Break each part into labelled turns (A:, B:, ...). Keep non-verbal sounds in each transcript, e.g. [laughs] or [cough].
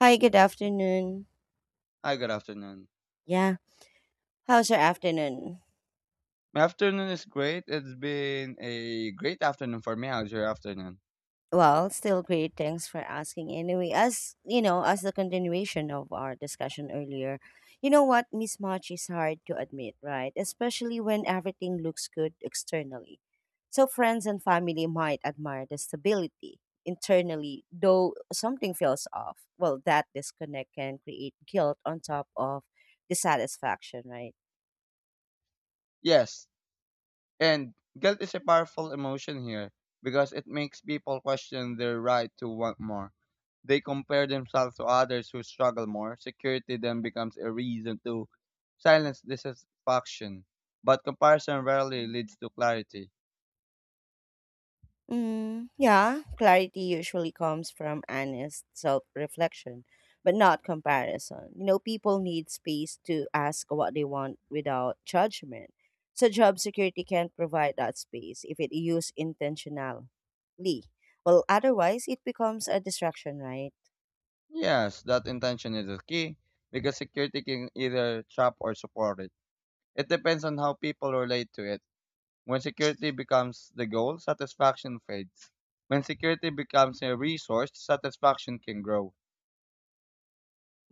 A: Hi, good afternoon.
B: Hi, good afternoon.
A: Yeah, how's your afternoon?
B: My afternoon is great. It's been a great afternoon for me. How's your afternoon?
A: Well, still great. Thanks for asking. Anyway, as you know, as the continuation of our discussion earlier, you know what? Mismatch is hard to admit, right? Especially when everything looks good externally. So, friends and family might admire the stability internally, though something feels off. Well, that disconnect can create guilt on top of dissatisfaction, right?
B: Yes, and guilt is a powerful emotion here because it makes people question their right to want more. They compare themselves to others who struggle more. Security then becomes a reason to silence dissatisfaction. But comparison rarely leads to clarity.
A: Yeah, clarity usually comes from honest self reflection, but not comparison. You know, people need space to ask what they want without judgment. So, job security can provide that space if it used intentionally. Well, otherwise, it becomes a distraction, right?
B: Yes, that intention is the key because security can either trap or support it. It depends on how people relate to it. When security becomes the goal, satisfaction fades. When security becomes a resource, satisfaction can grow.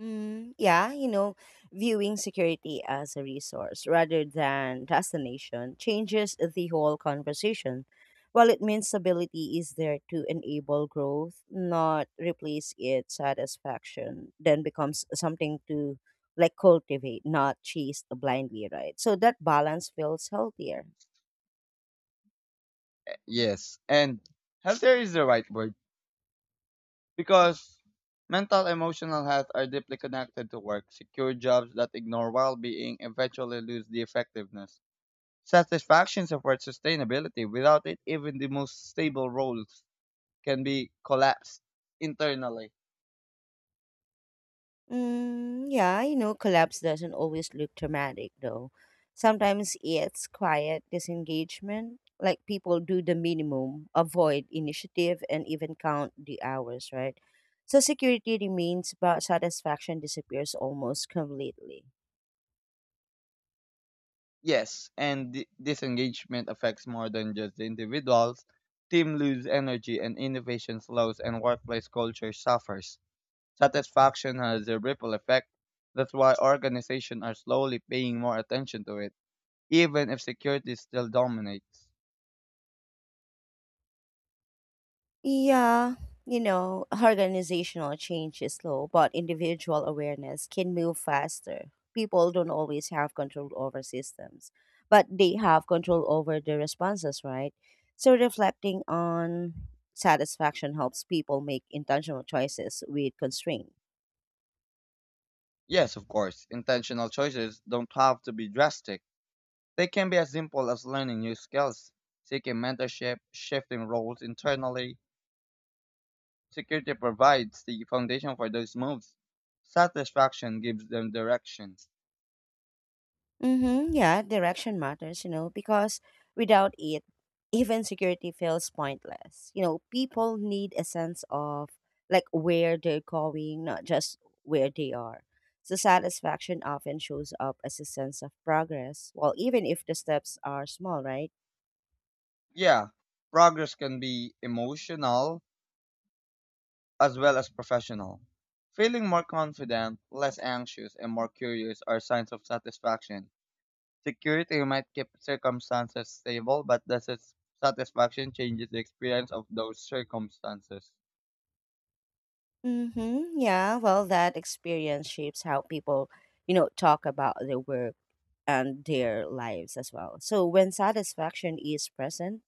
A: Yeah, you know, viewing security as a resource rather than destination changes the whole conversation. While it means stability is there to enable growth, not replace its satisfaction, then becomes something to like cultivate, not chase blindly, right? So that balance feels healthier.
B: Yes, and healthier is the right word because mental emotional health are deeply connected to work. Secure jobs that ignore well-being eventually lose the effectiveness. Satisfaction supports sustainability. Without it, even the most stable roles can be collapsed internally.
A: Yeah, you know, collapse doesn't always look dramatic, though. Sometimes it's quiet disengagement, like people do the minimum, avoid initiative, and even count the hours, right? So security remains, but satisfaction disappears almost completely.
B: Yes, and disengagement affects more than just the individuals. Team lose energy and innovation slows and workplace culture suffers. Satisfaction has a ripple effect. That's why organizations are slowly paying more attention to it, even if security still dominates.
A: Yeah, you know, organizational change is slow, but individual awareness can move faster. People don't always have control over systems, but they have control over their responses, right? So reflecting on satisfaction helps people make intentional choices with constraint.
B: Yes, of course, intentional choices don't have to be drastic. They can be as simple as learning new skills, seeking mentorship, shifting roles internally. Security provides the foundation for those moves. Satisfaction gives them directions.
A: Mm-hmm. Yeah, direction matters, you know, because without it, even security feels pointless. You know, people need a sense of like where they're going, not just where they are. So satisfaction often shows up as a sense of progress, well, even if the steps are small, right?
B: Yeah, progress can be emotional as well as professional. Feeling more confident, less anxious, and more curious are signs of satisfaction. Security might keep circumstances stable, but the satisfaction changes the experience of those circumstances.
A: Mm-hmm. Yeah, well, that experience shapes how people, you know, talk about their work and their lives as well. So when satisfaction is present,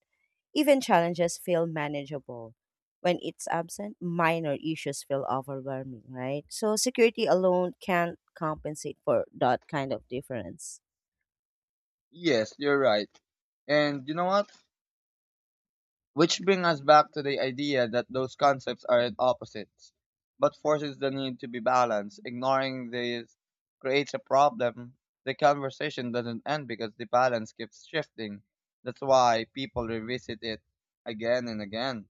A: even challenges feel manageable. When it's absent, minor issues feel overwhelming, right? So security alone can't compensate for that kind of difference.
B: Yes, you're right. And you know what? Which brings us back to the idea that those concepts aren't opposites, but forces the need to be balanced. Ignoring these creates a problem. The conversation doesn't end because the balance keeps shifting. That's why people revisit it again and again.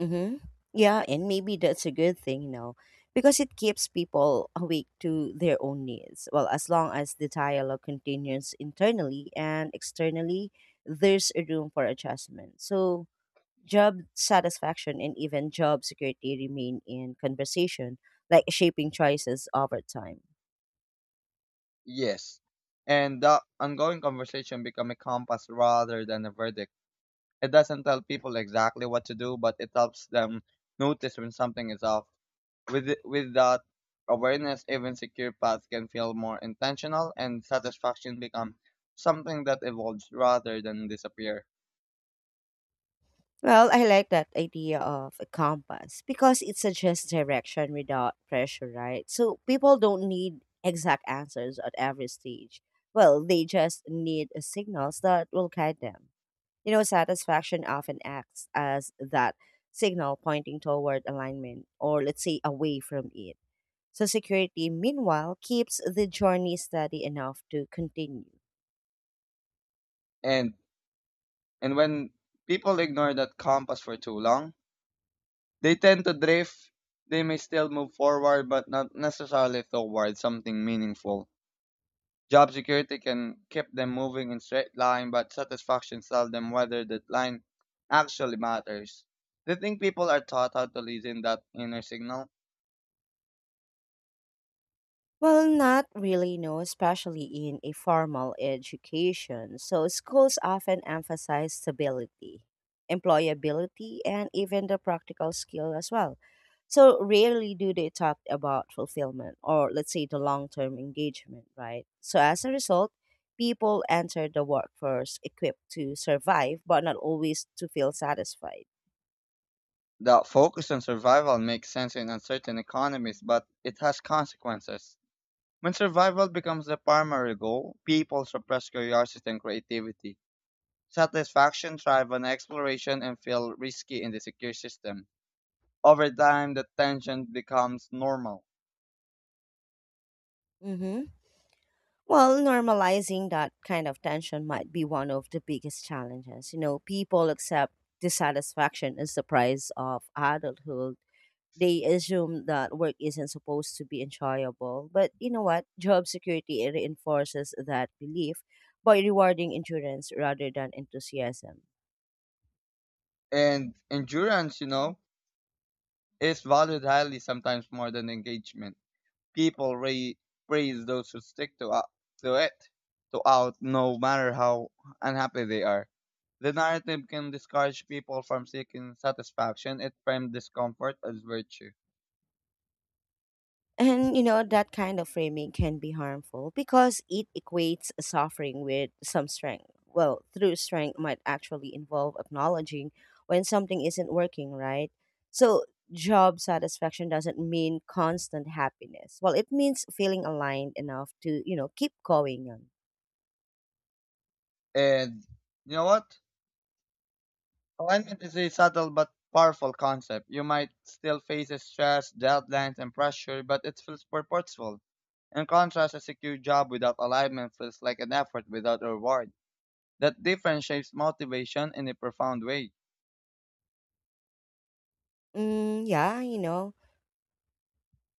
A: Mm-hmm. Yeah, and maybe that's a good thing, you know, because it keeps people awake to their own needs. Well, as long as the dialogue continues internally and externally, there's a room for adjustment. So, job satisfaction and even job security remain in conversation, like shaping choices over time.
B: Yes. And the ongoing conversation becomes a compass rather than a verdict. It doesn't tell people exactly what to do, but it helps them notice when something is off. With that awareness, even secure paths can feel more intentional, and satisfaction becomes something that evolves rather than disappear.
A: Well, I like that idea of a compass because it suggests direction without pressure, right? So people don't need exact answers at every stage. Well, they just need signals that will guide them. You know, satisfaction often acts as that signal pointing toward alignment or, let's say, away from it. So security, meanwhile, keeps the journey steady enough to continue.
B: And and when people ignore that compass for too long, they tend to drift. They may still move forward, but not necessarily toward something meaningful. Job security can keep them moving in straight line, but satisfaction tells them whether that line actually matters. They think people are taught how to listen that inner signal.
A: Well, not really, no, especially in a formal education. So, schools often emphasize stability, employability, and even the practical skill as well. So, rarely do they talk about fulfillment or, let's say, the long term engagement, right? So, as a result, people enter the workforce equipped to survive, but not always to feel satisfied.
B: The focus on survival makes sense in uncertain economies, but it has consequences. When survival becomes the primary goal, people suppress curiosity and creativity. Satisfaction thrives on exploration and feel risky in the secure system. Over time, the tension becomes normal.
A: Mm-hmm. Well, normalizing that kind of tension might be one of the biggest challenges. You know, people accept dissatisfaction as the price of adulthood. They assume that work isn't supposed to be enjoyable. But you know what? Job security reinforces that belief by rewarding endurance rather than enthusiasm.
B: And endurance, you know, is valued highly, sometimes more than engagement. people ra- Praise those who stick to, out to it, to out no matter how unhappy they are. The narrative can discourage people from seeking satisfaction. It frames discomfort as virtue.
A: And you know, that kind of framing can be harmful because it equates suffering with some strength. Well, through strength might actually involve acknowledging when something isn't working, right? So, job satisfaction doesn't mean constant happiness. Well, it means feeling aligned enough to, you know, keep going on.
B: And you know what? Alignment is a subtle but powerful concept. You might still face stress, deadlines, and pressure, but it feels purposeful. In contrast, a secure job without alignment feels like an effort without reward. That difference shapes motivation in a profound way.
A: Yeah, you know,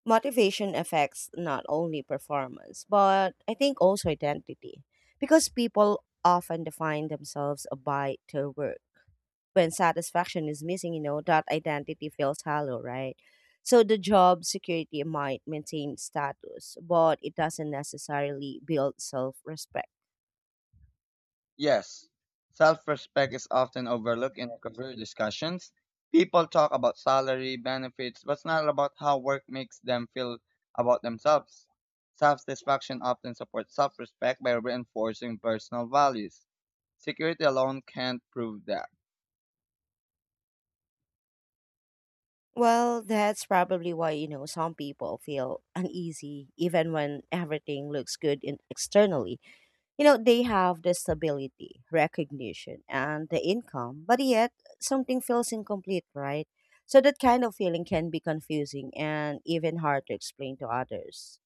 A: motivation affects not only performance, but I think also identity because people often define themselves by their work when satisfaction is missing, you know, that identity feels hollow, right? So the job security might maintain status, but it doesn't necessarily build self respect.
B: Yes, self respect is often overlooked in career discussions. People talk about salary, benefits, but it's not about how work makes them feel about themselves. Self satisfaction often supports self respect by reinforcing personal values. Security alone can't prove that.
A: Well, that's probably why, you know, some people feel uneasy even when everything looks good in externally. You know, they have the stability, recognition, and the income, but yet something feels incomplete, right? So that kind of feeling can be confusing and even hard to explain to others.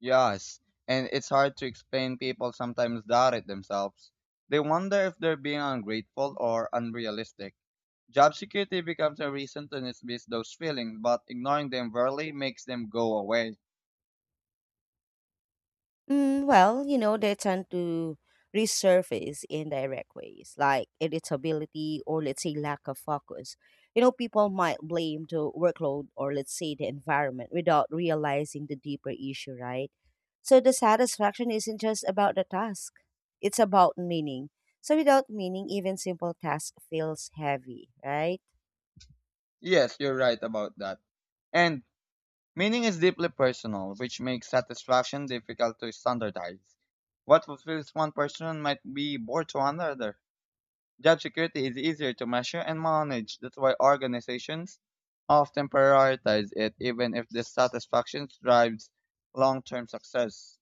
B: Yes, and it's hard to explain people sometimes doubt it themselves. They wonder if they're being ungrateful or unrealistic. Job security becomes a reason to dismiss those feelings, but ignoring them rarely makes them go away.
A: Well, you know, they tend to resurface in direct ways, like irritability or let's say lack of focus. You know, people might blame the workload or let's say the environment without realizing the deeper issue, right? So the satisfaction isn't just about the task, it's about meaning. So without meaning, even simple task feels heavy, right?
B: Yes, you're right about that. And meaning is deeply personal, which makes satisfaction difficult to standardize. What fulfills one person might be bored to another. Job security is easier to measure and manage. That's why organizations often prioritize it, even if dissatisfaction drives long term success.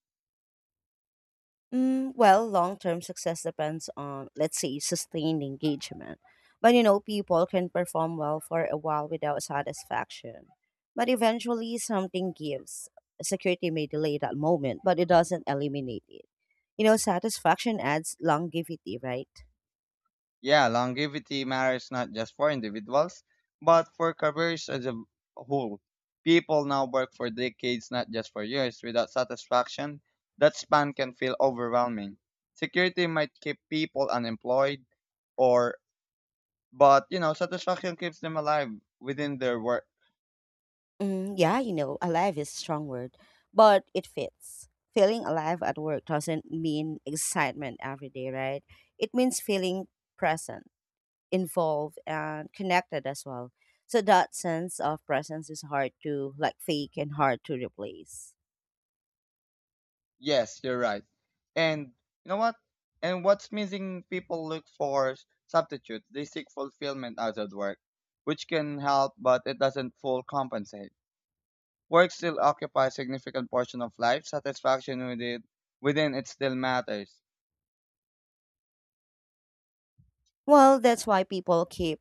A: Well, long term success depends on, let's say, sustained engagement. But you know, people can perform well for a while without satisfaction. But eventually, something gives. Security may delay that moment, but it doesn't eliminate it. You know, satisfaction adds longevity, right?
B: Yeah, longevity matters not just for individuals, but for careers as a whole. People now work for decades, not just for years. Without satisfaction, that span can feel overwhelming. Security might keep people unemployed or but you know satisfaction keeps them alive within their work.
A: Yeah, you know, alive is a strong word, but it fits. Feeling alive at work doesn't mean excitement every day, right? It means feeling present, involved, and connected as well. So that sense of presence is hard to like fake and hard to replace.
B: Yes, you're right. And you know what? And what's missing, people look for substitutes. They seek fulfillment outside work, which can help, but it doesn't full compensate. Work still occupies significant portion of life. Satisfaction with it, within it still matters.
A: Well, that's why people keep,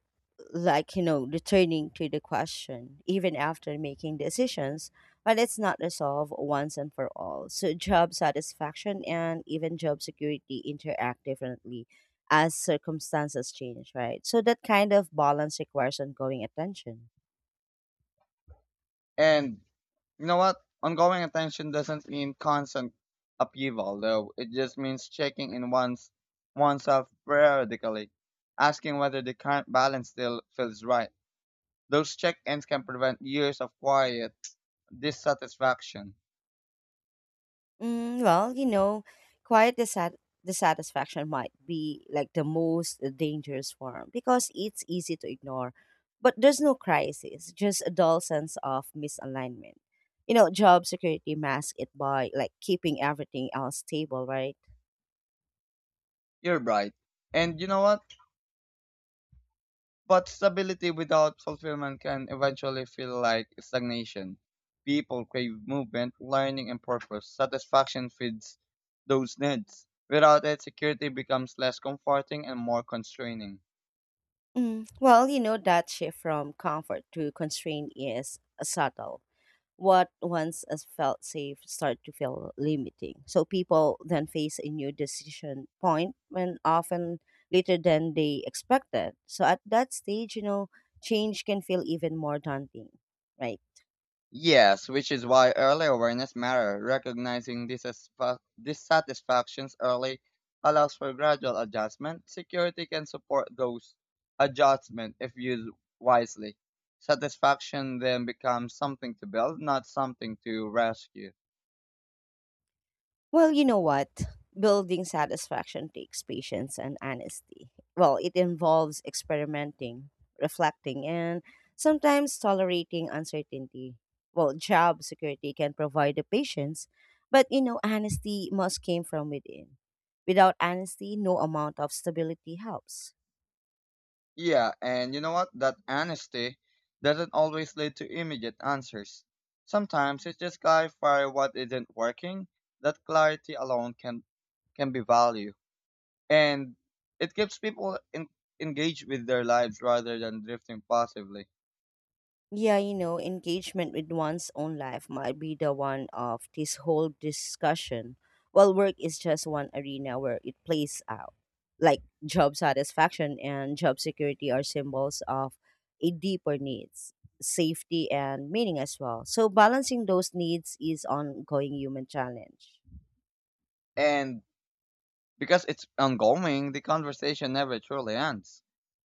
A: like, you know, returning to the question, even after making decisions, but it's not resolved once and for all. So, job satisfaction and even job security interact differently as circumstances change, right? So, that kind of balance requires ongoing attention.
B: And you know what? Ongoing attention doesn't mean constant upheaval, though. It just means checking in one's oneself periodically, asking whether the current balance still feels right. Those check-ins can prevent years of quiet dissatisfaction.
A: Well, you know, quiet dissat- dissatisfaction might be like the most dangerous form because it's easy to ignore, but there's no crisis, just a dull sense of misalignment. You know, job security masks it by like keeping everything else stable, right?
B: You're right. And you know what? But stability without fulfillment can eventually feel like stagnation. People crave movement, learning, and purpose. Satisfaction feeds those needs. Without it, security becomes less comforting and more constraining.
A: Well, you know, that shift from comfort to constraint is subtle what once as felt safe start to feel limiting. So people then face a new decision point when often later than they expected. So at that stage, you know, change can feel even more daunting, right?
B: Yes, which is why early awareness matters. Recognizing dissatisfactions early allows for gradual adjustment. Security can support those adjustments if used wisely. Satisfaction then becomes something to build, not something to rescue.
A: Well, you know what? Building satisfaction takes patience and honesty. Well, it involves experimenting, reflecting, and sometimes tolerating uncertainty. Well, job security can provide the patience, but you know, honesty must come from within. Without honesty, no amount of stability helps.
B: Yeah, and you know what? That honesty doesn't always lead to immediate answers. Sometimes it's just clarify what isn't working. That clarity alone can be value. And it keeps people in, engaged with their lives rather than drifting passively.
A: Yeah, you know, engagement with one's own life might be the one of this whole discussion, while work is just one arena where it plays out. Like job satisfaction and job security are symbols of a deeper needs, safety and meaning as well. So balancing those needs is ongoing human challenge.
B: And because it's ongoing, the conversation never truly ends.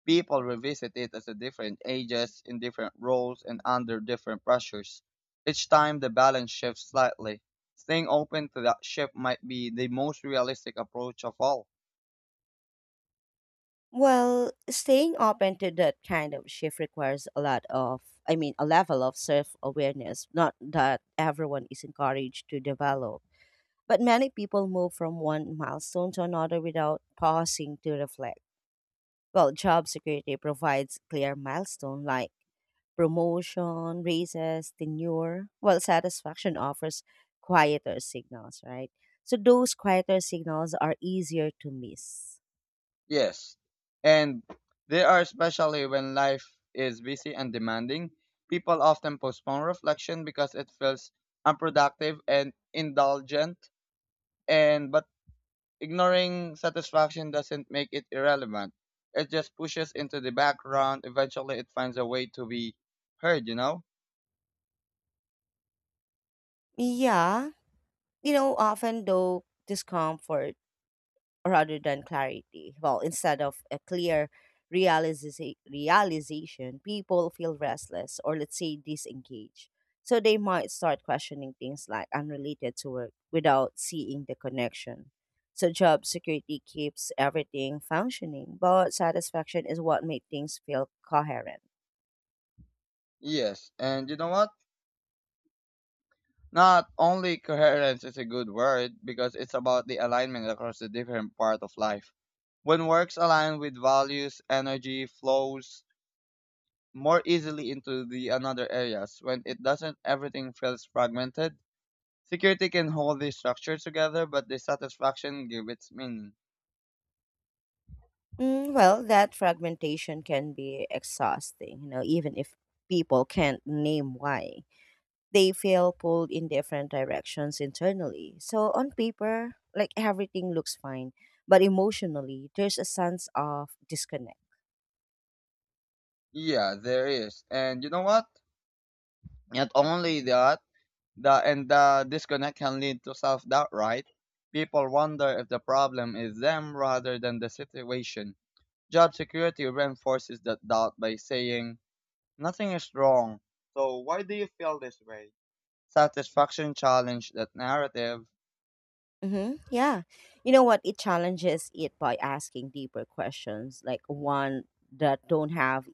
B: People revisit it as a different ages, in different roles, and under different pressures. Each time the balance shifts slightly. Staying open to that shift might be the most realistic approach of all.
A: Well, staying open to that kind of shift requires a lot of, a level of self awareness, not that everyone is encouraged to develop. But many people move from one milestone to another without pausing to reflect. Well, job security provides clear milestone like promotion, raises, tenure, while satisfaction offers quieter signals, right? So those quieter signals are easier to miss.
B: Yes. And there are especially when life is busy and demanding, people often postpone reflection because it feels unproductive and indulgent and but ignoring satisfaction doesn't make it irrelevant. It just pushes into the background. Eventually it finds a way to be heard, you know?
A: Yeah, you know, often though discomfort rather than clarity. Well, instead of a clear realization, people feel restless or let's say disengaged. So they might start questioning things like unrelated to work without seeing the connection. So job security keeps everything functioning, but satisfaction is what makes things feel coherent.
B: Yes. And you know what? Not only coherence is a good word because it's about the alignment across the different part of life. When works align with values, energy flows more easily into the another areas. When it doesn't, everything feels fragmented. Security can hold the structure together, but the satisfaction give its meaning.
A: Well, that fragmentation can be exhausting, you know, even if people can't name why. They feel pulled in different directions internally. So on paper, like everything looks fine, but emotionally, there's a sense of disconnect.
B: Yeah, there is. And you know what? Not only that, the disconnect can lead to self-doubt, right? People wonder if the problem is them rather than the situation. Job security reinforces that doubt by saying, nothing is wrong. So why do you feel this way? Satisfaction challenged that narrative.
A: Hmm. Yeah. You know what? It challenges it by asking deeper questions, like one that don't have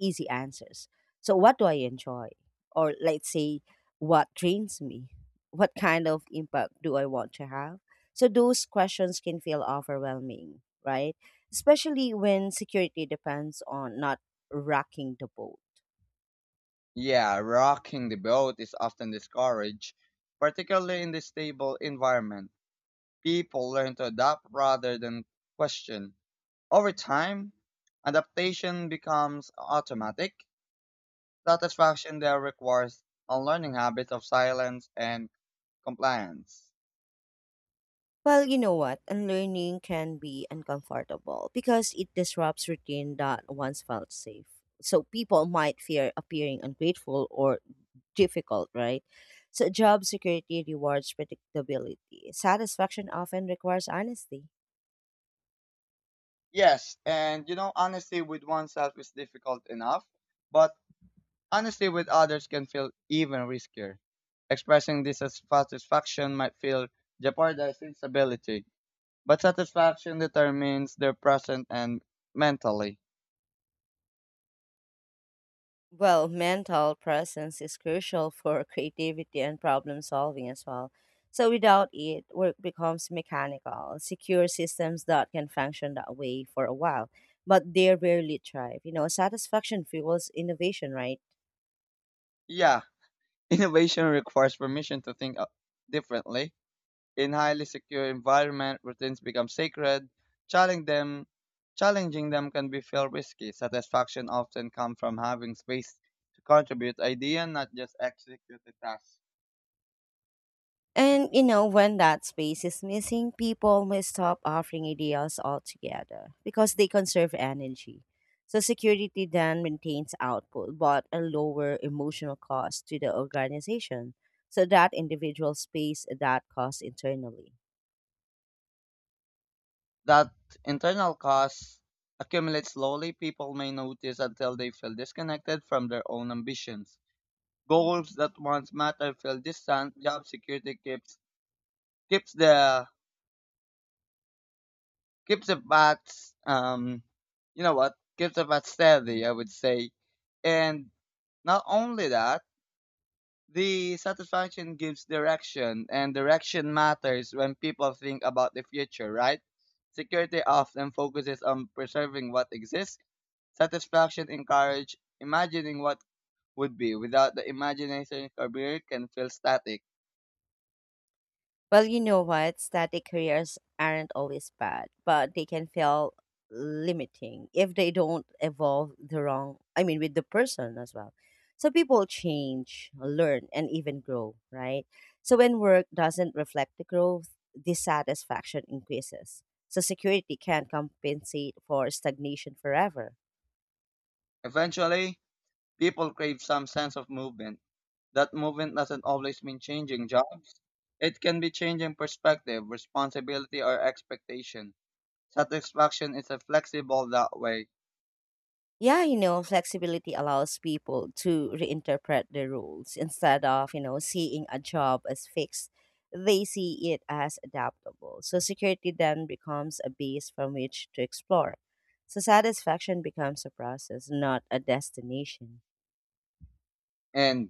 A: easy answers. So, what do I enjoy? Or let's say, what drains me? What kind of impact do I want to have? So, those questions can feel overwhelming, right? Especially when security depends on not rocking the boat.
B: Yeah, rocking the boat is often discouraged, particularly in the stable environment. People learn to adapt rather than question. Over time, adaptation becomes automatic. Satisfaction there requires unlearning habits of silence and compliance.
A: Well, you know what? Unlearning can be uncomfortable because it disrupts routine that once felt safe. So people might fear appearing ungrateful or difficult, right? So job security rewards predictability. Satisfaction often requires honesty.
B: Yes, and you know, honesty with oneself is difficult enough, but honesty with others can feel even riskier. Expressing dissatisfaction might feel jeopardizing stability, but satisfaction determines their present and mentally.
A: Well, mental presence is crucial for creativity and problem solving as well. So without it, work becomes mechanical. Secure systems that can function that way for a while, but they rarely thrive. You know, satisfaction fuels innovation, right?
B: Yeah, [laughs] innovation requires permission to think differently. In highly secure environment, routines become sacred. Challenging them, challenging them can be feel risky. Satisfaction often comes from having space to contribute idea, not just execute the task.
A: And you know, when that space is missing, people may stop offering ideas altogether because they conserve energy. So security then maintains output but a lower emotional cost to the organization. So that individual space that cost internally.
B: That internal cost accumulates slowly. People may notice until they feel disconnected from their own ambitions. Goals that once mattered feel distant. Job security keeps keeps the keep the bats you know what Keep the bats steady, I would say. And not only that, the satisfaction gives direction, and direction matters when people think about the future, right? Security often focuses on preserving what exists. Satisfaction encourage imagining what would be. Without the imagination career can feel static.
A: Well, you know what? Static careers aren't always bad, but they can feel limiting if they don't evolve the wrong, with the person as well. So people change, learn, and even grow, right? So when work doesn't reflect the growth, dissatisfaction increases. So security can't compensate for stagnation forever.
B: Eventually people crave some sense of movement. That movement doesn't always mean changing jobs. It can be changing perspective, responsibility, or expectation. Satisfaction is a flexible that way.
A: Yeah, you know, flexibility allows people to reinterpret the rules instead of, you know, seeing a job as fixed. They see it as adaptable. So security then becomes a base from which to explore. So satisfaction becomes a process, not a destination.
B: And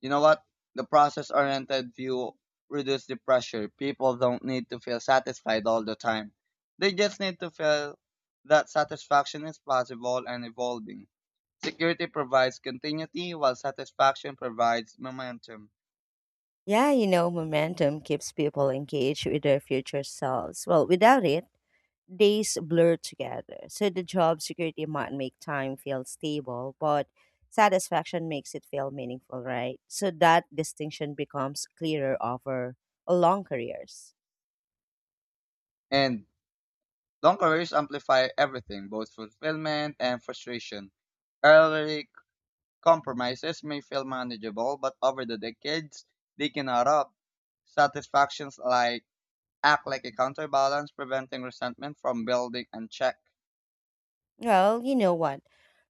B: you know what? The process oriented view reduces the pressure. People don't need to feel satisfied all the time. They just need to feel that satisfaction is possible and evolving. Security provides continuity while satisfaction provides momentum.
A: Yeah, you know, momentum keeps people engaged with their future selves. Well, without it, days blur together. So the job security might make time feel stable, but satisfaction makes it feel meaningful, right? So that distinction becomes clearer over long careers.
B: And long careers amplify everything, both fulfillment and frustration. Early compromises may feel manageable, but over the decades, they can add up. Satisfactions like act like a counterbalance, preventing resentment from building unchecked.
A: Well, you know what?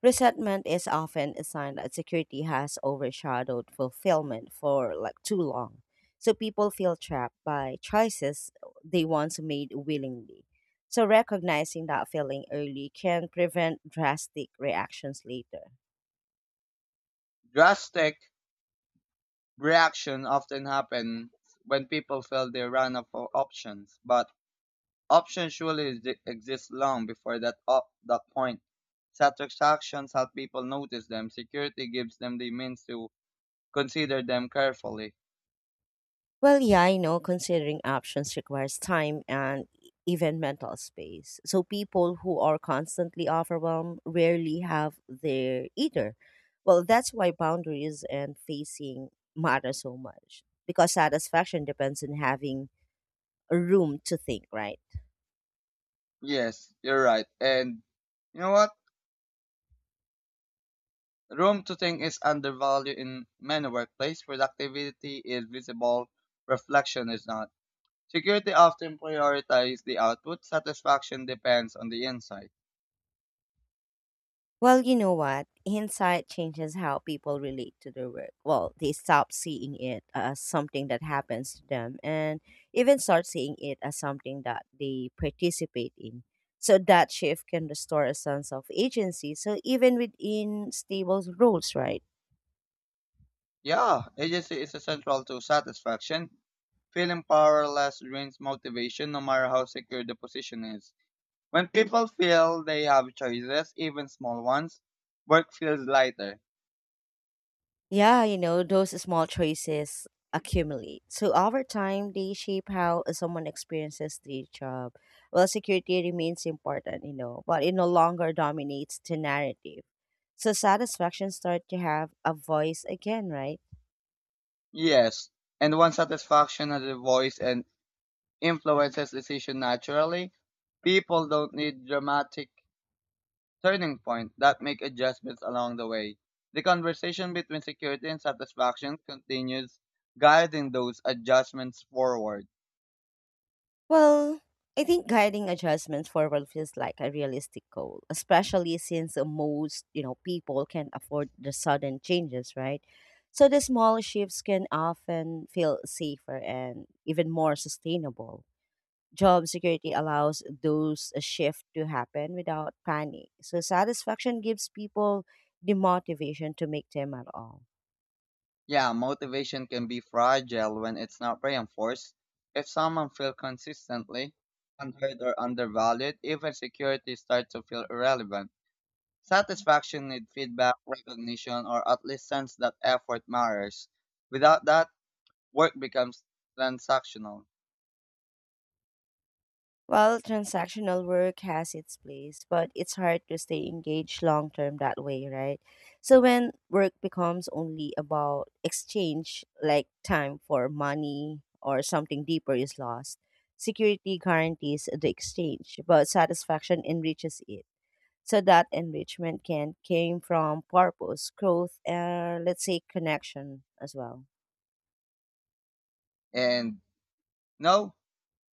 A: Resentment is often a sign that security has overshadowed fulfillment for like too long. So people feel trapped by choices they once made willingly. So recognizing that feeling early can prevent drastic reactions later.
B: Drastic reaction often happen when people feel they run out of options, but options surely exist long before that point. Satisfactions help people notice them. Security gives them the means to consider them carefully.
A: Well, yeah, I know considering options requires time and even mental space. So people who are constantly overwhelmed rarely have their either. Well, that's why boundaries and facing matter so much because satisfaction depends on having a room to think, right?
B: Yes, you're right. And you know what? Room to think is undervalued in many workplaces. Productivity is visible, reflection is not. Security often prioritizes the output. Satisfaction depends on the inside.
A: Well, you know what? Hindsight changes how people relate to their work. Well, they stop seeing it as something that happens to them and even start seeing it as something that they participate in. So that shift can restore a sense of agency. So even within stable roles, right?
B: Yeah, agency is essential to satisfaction. Feeling powerless drains motivation, no matter how secure the position is. When people feel they have choices, even small ones, work feels lighter.
A: Yeah, you know, those small choices accumulate. So over time, they shape how someone experiences the job. Well, security remains important, you know, but it no longer dominates the narrative. So satisfaction start to have a voice again, right?
B: Yes, and once satisfaction has a voice and influences decision naturally, people don't need dramatic turning point that make adjustments along the way. The conversation between security and satisfaction continues guiding those adjustments forward.
A: Well, I think guiding adjustments forward feels like a realistic goal, especially since most, you know, people can't afford the sudden changes, right? So the small shifts can often feel safer and even more sustainable. Job security allows those a shift to happen without panic. So satisfaction gives people the motivation to make them at all.
B: Yeah, motivation can be fragile when it's not reinforced. If someone feels consistently unheard or undervalued, even security starts to feel irrelevant. Satisfaction needs feedback, recognition, or at least sense that effort matters. Without that, work becomes transactional.
A: While transactional work has its place, but it's hard to stay engaged long term that way, right? So when work becomes only about exchange, like time for money or something deeper is lost, security guarantees the exchange, but satisfaction enriches it. So that enrichment can came from purpose, growth, and let's say connection as well.
B: And no,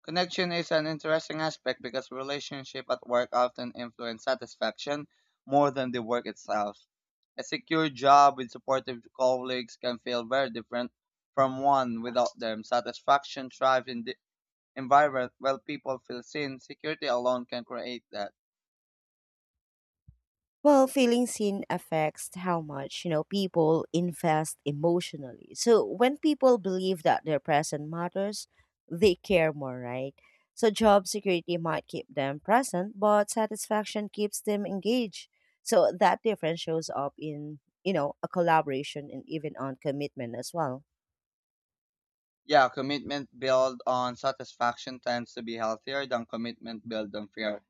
B: connection is an interesting aspect because relationship at work often influence satisfaction more than the work itself. A secure job with supportive colleagues can feel very different from one without them. Satisfaction thrives in the environment where people feel seen. Security alone can create that.
A: Well, feeling seen affects how much, you know, people invest emotionally. So when people believe that their present matters, they care more, right? So job security might keep them present, but satisfaction keeps them engaged. So that difference shows up in, you know, a collaboration and even on commitment as well.
B: Yeah, commitment built on satisfaction tends to be healthier than commitment built on fear.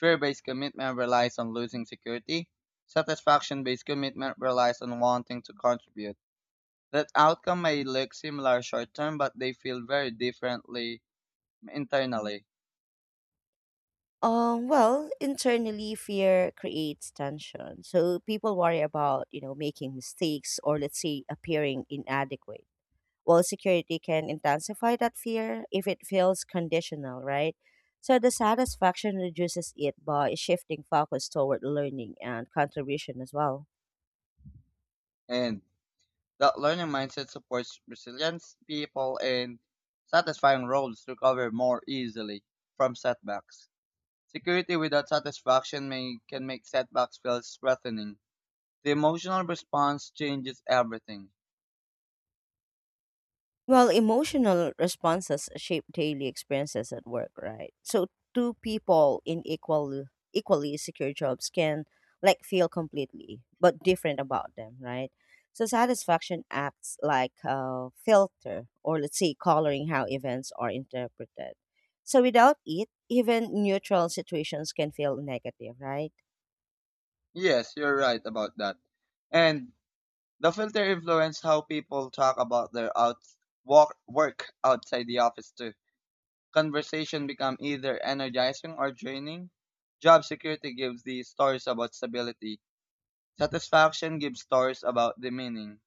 B: Fear based commitment relies on losing security. Satisfaction based commitment relies on wanting to contribute. That outcome may look similar short term, but they feel very differently internally.
A: Well, internally, fear creates tension. So people worry about, you know, making mistakes or let's say appearing inadequate. While security can intensify that fear if it feels conditional, right? So the satisfaction reduces it by shifting focus toward learning and contribution as well.
B: And that learning mindset supports resilience people in satisfying roles recover more easily from setbacks. Security without satisfaction may, can make setbacks feel threatening. The emotional response changes everything.
A: Well, emotional responses shape daily experiences at work, right? So two people in equally secure jobs can like feel completely but different about them, right? So satisfaction acts like a filter or let's say coloring how events are interpreted. So without it, even neutral situations can feel negative, right?
B: Yes, you're right about that. And the filter influence how people talk about their work outside the office too. Conversation become either energizing or draining. Job security gives the stories about stability. Satisfaction gives stories about the meaning.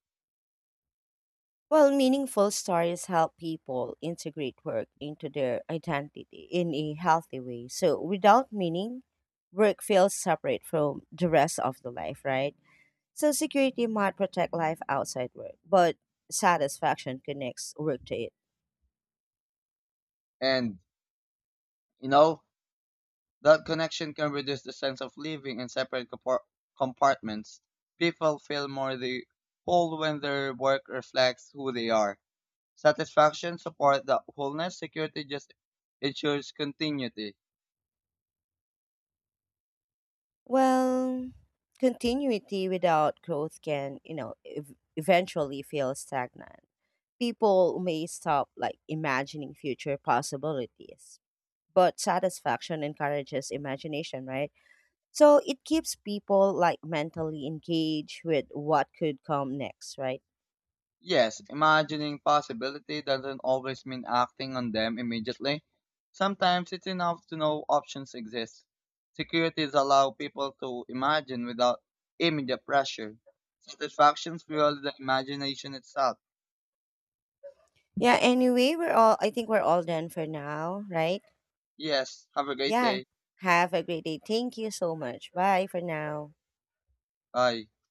A: Well, meaningful stories help people integrate work into their identity in a healthy way. So, without meaning, work feels separate from the rest of the life, right? So, security might protect life outside work, but satisfaction connects work to it.
B: And you know, that connection can reduce the sense of living in separate compartments. People feel more the whole when their work reflects who they are. Satisfaction supports the wholeness, security just ensures continuity.
A: Well, continuity without growth can, you know, eventually feel stagnant. People may stop like imagining future possibilities. But satisfaction encourages imagination, right? So it keeps people like mentally engaged with what could come next, right?
B: Yes, imagining possibility doesn't always mean acting on them immediately. Sometimes it's enough to know options exist. Securities allow people to imagine without immediate pressure. Satisfactions fuel the imagination itself.
A: Yeah, anyway, we're all I think we're all done for now, right?
B: Yes, have a great
A: Yeah.
B: day.
A: Have a great day. Thank you so much. Bye for now.
B: Bye.